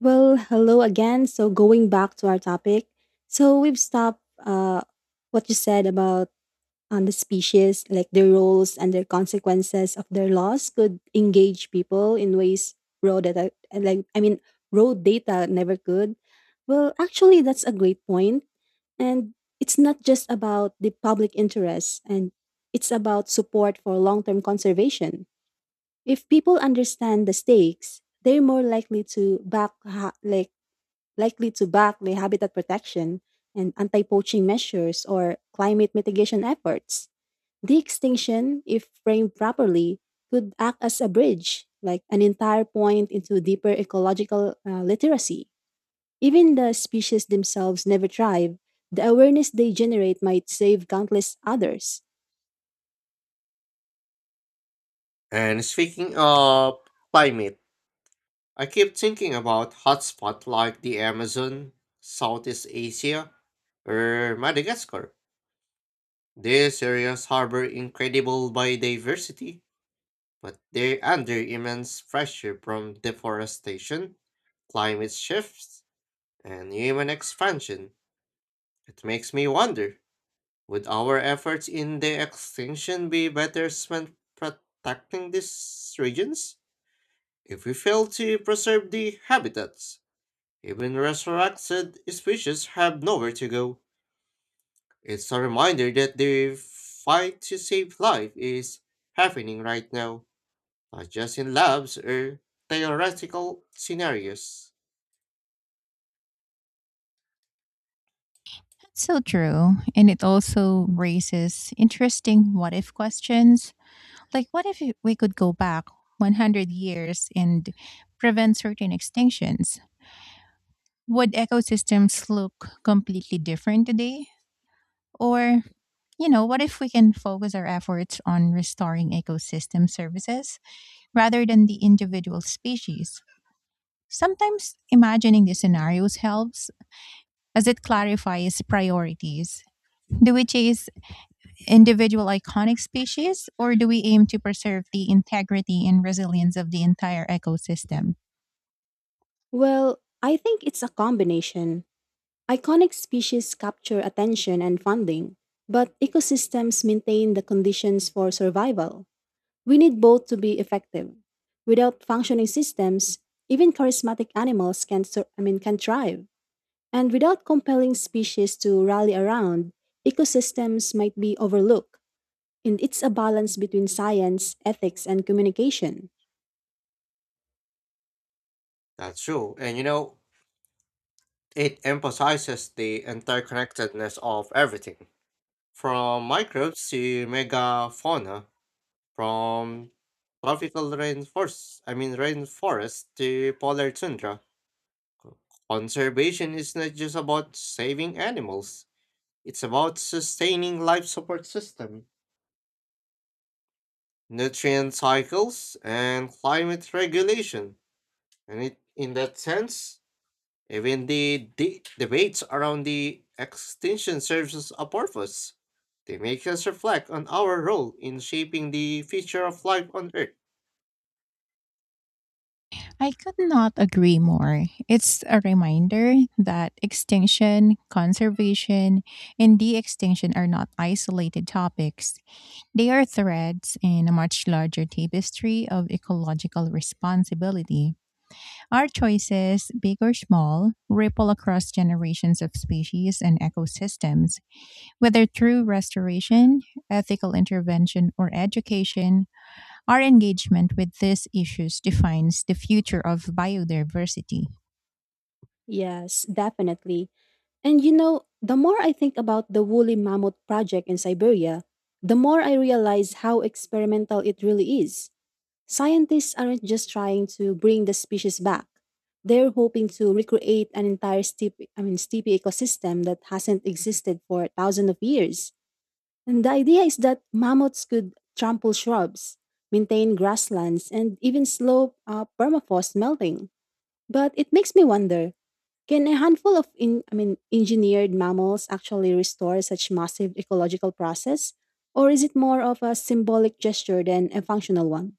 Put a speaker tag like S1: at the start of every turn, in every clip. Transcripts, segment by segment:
S1: Well, hello again. So, going back to our topic, so we've stopped what you said about on the species, like their roles and their consequences of their loss could engage people in ways raw data, raw data never could. Well, actually, that's a great point, and it's not just about the public interest, and it's about support for long-term conservation. If people understand the stakes, they're more likely to back ha- like likely to back the habitat protection and anti poaching measures or climate mitigation efforts. De extinction, if framed properly, could act as a bridge, like an entire point into deeper ecological literacy. Even the species themselves never thrive, the awareness they generate might save countless others.
S2: And speaking of climate, I keep thinking about hotspots like the Amazon, Southeast Asia, or Madagascar. These areas harbor incredible biodiversity, but they're under immense pressure from deforestation, climate shifts, and human expansion. It makes me wonder, would our efforts in the extinction be better spent protecting these regions? If we fail to preserve the habitats, even resurrected species have nowhere to go. It's a reminder that the fight to save life is happening right now, not just in labs or theoretical scenarios.
S3: So true. And it also raises interesting what if questions. Like, what if we could go back 100 years and prevent certain extinctions? Would ecosystems look completely different today? Or, you know, what if we can focus our efforts on restoring ecosystem services rather than the individual species? Sometimes imagining these scenarios helps as it clarifies priorities. Do we chase individual iconic species, or do we aim to preserve the integrity and resilience of the entire ecosystem?
S1: Well, I think it's a combination. Iconic species capture attention and funding, but ecosystems maintain the conditions for survival. We need both to be effective. Without functioning systems, even charismatic animals can sur- I mean can thrive. And without compelling species to rally around, ecosystems might be overlooked. And it's a balance between science, ethics, and communication.
S2: That's true, and you know, it emphasizes the interconnectedness of everything from microbes to megafauna, from tropical rainforests, I mean rainforest to polar tundra. Conservation is not just about saving animals, it's about sustaining life support system, nutrient cycles, and climate regulation. And it, in that sense, even the debates around the extinction serves a purpose. They make us reflect on our role in shaping the future of life on Earth.
S3: I could not agree more. It's a reminder that extinction, conservation, and de extinction are not isolated topics. They are threads in a much larger tapestry of ecological responsibility. Our choices, big or small, ripple across generations of species and ecosystems. Whether through restoration, ethical intervention, or education, our engagement with these issues defines the future of biodiversity.
S1: Yes, definitely. And you know, the more I think about the woolly mammoth project in Siberia, the more I realize how experimental it really is. Scientists aren't just trying to bring the species back. They're hoping to recreate an entire steepy ecosystem that hasn't existed for thousands of years. And the idea is that mammoths could trample shrubs, maintain grasslands, and even slow permafrost melting. But it makes me wonder: can a handful of engineered mammals actually restore such massive ecological process, or is it more of a symbolic gesture than a functional one?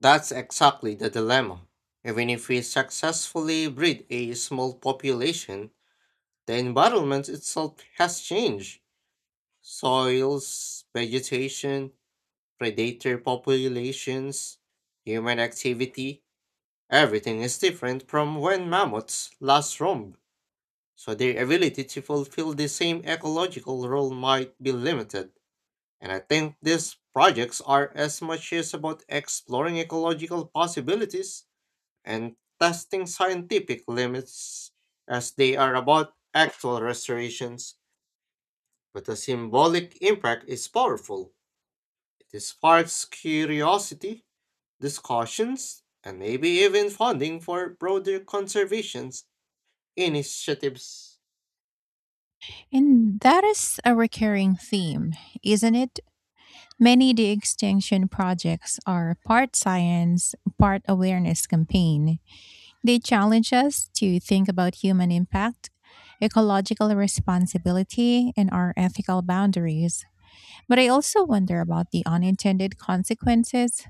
S2: That's exactly the dilemma. Even if we successfully breed a small population, the environment itself has changed. Soils, vegetation, predator populations, human activity, everything is different from when mammoths last roamed, so their ability to fulfill the same ecological role might be limited. And I think these projects are as much as about exploring ecological possibilities and testing scientific limits as they are about actual restorations. But the symbolic impact is powerful. It sparks curiosity, discussions, and maybe even funding for broader conservation initiatives.
S3: And that is a recurring theme, isn't it? Many de extinction projects are part science, part awareness campaign. They challenge us to think about human impact, ecological responsibility, and our ethical boundaries. But I also wonder about the unintended consequences.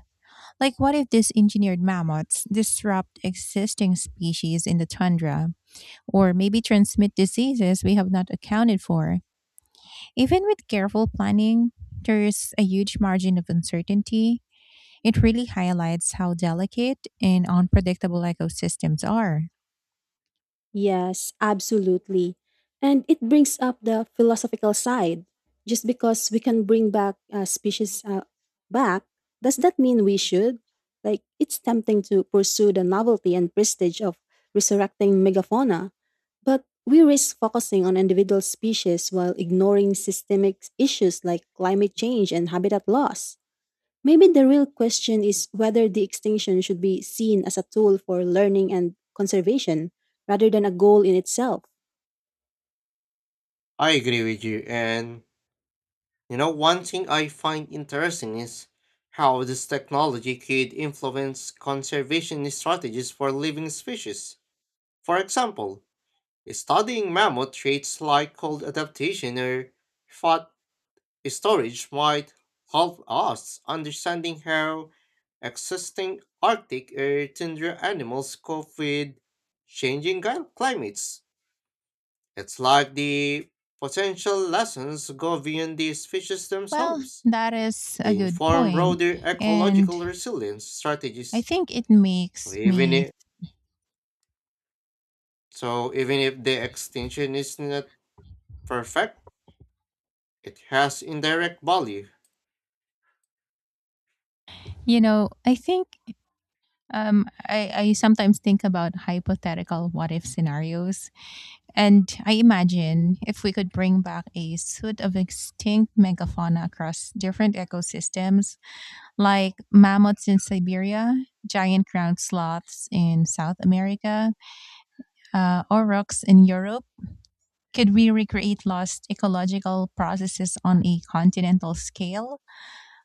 S3: Like, what if these engineered mammoths disrupt existing species in the tundra, or maybe transmit diseases we have not accounted for? Even with careful planning, there's a huge margin of uncertainty. It really highlights how delicate and unpredictable ecosystems are.
S1: Yes, absolutely. And it brings up the philosophical side. Just because we can bring back species back, does that mean we should? Like, it's tempting to pursue the novelty and prestige of resurrecting megafauna, but we risk focusing on individual species while ignoring systemic issues like climate change and habitat loss. Maybe the real question is whether the extinction should be seen as a tool for learning and conservation rather than a goal in itself.
S2: I agree with you, and you know, one thing I find interesting is how this technology could influence conservation strategies for living species. For example, studying mammoth traits like cold adaptation or fat storage might help us understanding how existing Arctic or tundra animals cope with climates. It's like the potential lessons go beyond the species
S3: Well,
S2: themselves.
S3: that is a
S2: They
S3: good
S2: inform
S3: point.
S2: broader
S3: And
S2: ecological resilience
S3: I
S2: strategies.
S3: think it
S2: So
S3: makes
S2: even
S3: me,
S2: if so even if the extinction is not perfect, it has indirect value.
S3: you know, I think I sometimes think about hypothetical what if scenarios. And I imagine if we could bring back a suite of extinct megafauna across different ecosystems, like mammoths in Siberia, giant ground sloths in South America, or rocks in Europe, could we recreate lost ecological processes on a continental scale?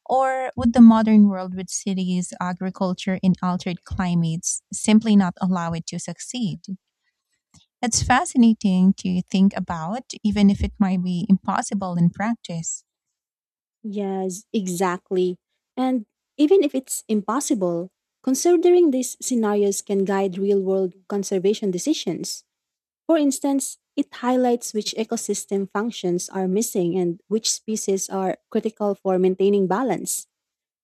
S3: Or would the modern world with cities, agriculture, and altered climates simply not allow it to succeed? It's fascinating to think about, even if it might be impossible in practice.
S1: Yes, exactly. And even if it's impossible, considering these scenarios can guide real world conservation decisions. For instance, it highlights which ecosystem functions are missing and which species are critical for maintaining balance.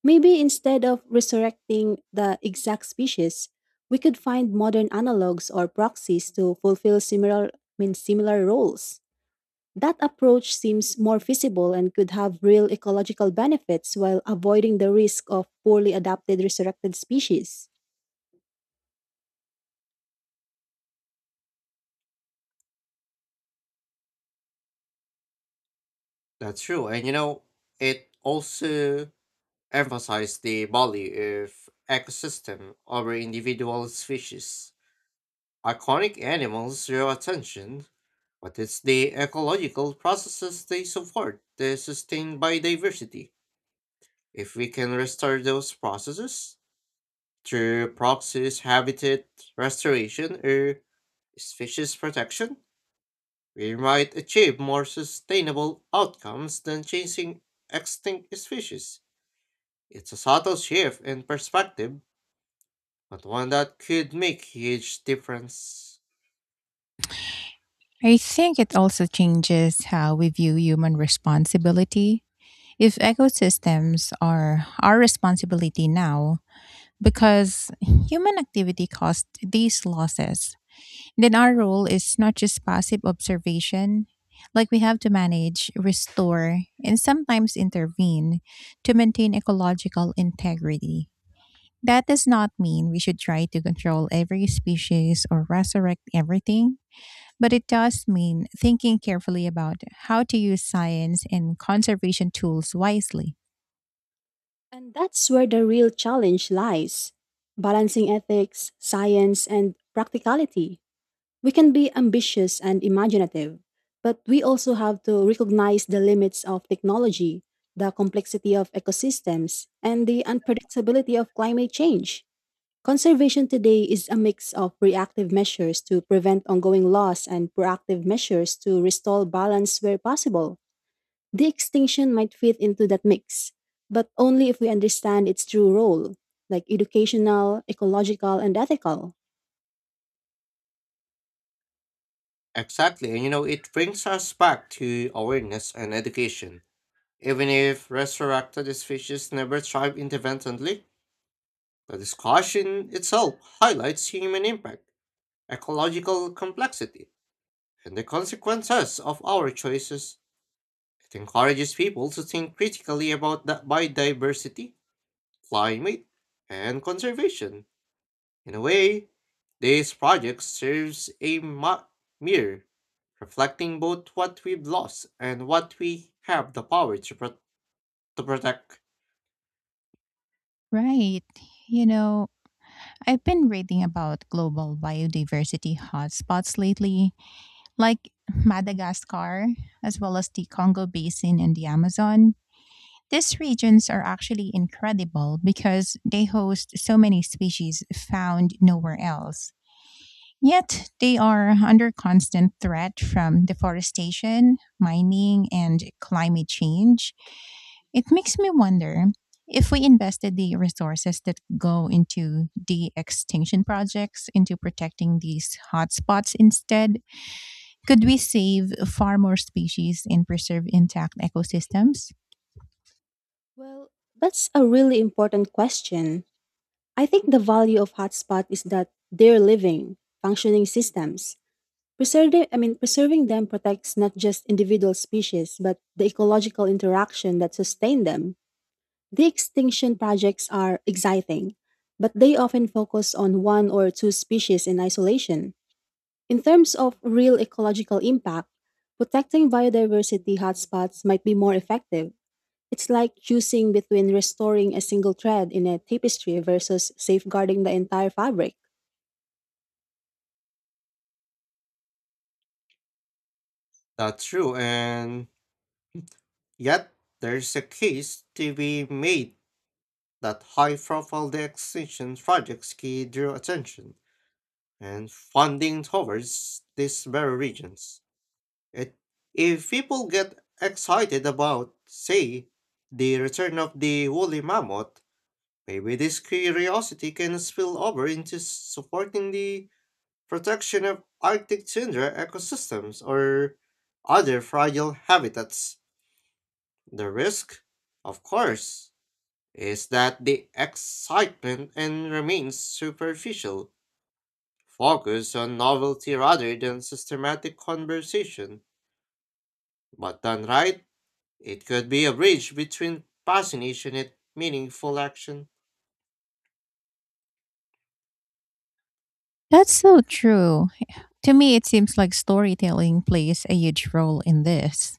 S1: Maybe instead of resurrecting the exact species, we could find modern analogs or proxies to fulfill similar roles. That approach seems more feasible and could have real ecological benefits while avoiding the risk of poorly adapted resurrected species.
S2: That's true. And you know, it also emphasize the value of ecosystem over individual species. Iconic animals draw attention, but it's the ecological processes they support that sustain biodiversity. If we can restore those processes through proxies, habitat restoration, or species protection, we might achieve more sustainable outcomes than chasing extinct species. It's a subtle shift in perspective but one that could make huge difference.
S3: I think it also changes how we view human responsibility. If ecosystems are our responsibility now, because human activity caused these losses, then our role is not just passive observation. Like, we have to manage, restore, and sometimes intervene to maintain ecological integrity. That does not mean we should try to control every species or resurrect everything, but it does mean thinking carefully about how to use science and conservation tools wisely.
S1: And that's where the real challenge lies balancing ethics, science, and practicality. We can be ambitious and imaginative, but we also have to recognize the limits of technology, the complexity of ecosystems, and the unpredictability of climate change. Conservation today is a mix of reactive measures to prevent ongoing loss and proactive measures to restore balance where possible. The extinction might fit into that mix, but only if we understand its true role, like educational, ecological, and ethical.
S2: Exactly, and you know, it brings us back to awareness and education. Even if resurrected species never thrive independently, the discussion itself highlights human impact, ecological complexity, and the consequences of our choices. It encourages people to think critically about the biodiversity, climate, and conservation. In a way, this project serves a mirror, reflecting both what we've lost and what we have the power to protect.
S3: Right. You know, I've been reading about global biodiversity hotspots lately, like Madagascar, as well as the Congo Basin and the Amazon. These regions are actually incredible because they host so many species found nowhere else. Yet they are under constant threat from deforestation, mining, and climate change. It makes me wonder if we invested the resources that go into the extinction projects into protecting these hotspots instead, could we save far more species and preserve intact ecosystems?
S1: Well, that's a really important question. I think the value of hotspot is that they're living, functioning systems. Preserving them protects not just individual species, but the ecological interaction that sustain them. The extinction projects are exciting, but they often focus on one or two species in isolation. In terms of real ecological impact, protecting biodiversity hotspots might be more effective it's like choosing between restoring a single thread in a tapestry versus safeguarding the entire fabric.
S2: That's true, and yet there's a case to be made that high profile extinction projects can draw attention and funding towards these very regions. It, if people get excited about, say, the return of the woolly mammoth, maybe this curiosity can spill over into supporting the protection of Arctic tundra ecosystems or other fragile habitats. The risk, of course, is that the excitement and remains superficial, focused on novelty rather than systematic conversation. But done right, it could be a bridge between fascination and meaningful action.
S3: That's so true. To me, it seems like storytelling plays a huge role in this.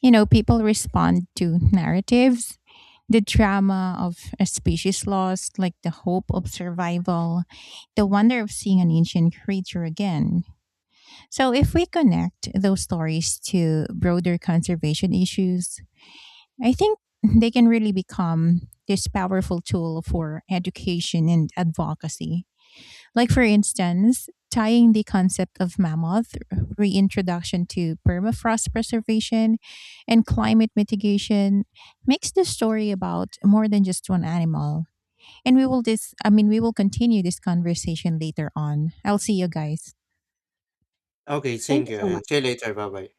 S3: You know, people respond to narratives, the drama of a species lost, like the hope of survival, the wonder of seeing an ancient creature again. So, if we connect those stories to broader conservation issues, I think they can really become this powerful tool for education and advocacy. Like, for instance, tying the concept of mammoth reintroduction to permafrost preservation and climate mitigation makes the story about more than just one animal. And we will this I mean, we will continue this conversation later on. I'll see you guys.
S2: Okay,
S1: Yes. Thank
S2: thank
S1: you
S2: you
S1: so
S2: and see you
S1: much.
S2: later. Bye bye.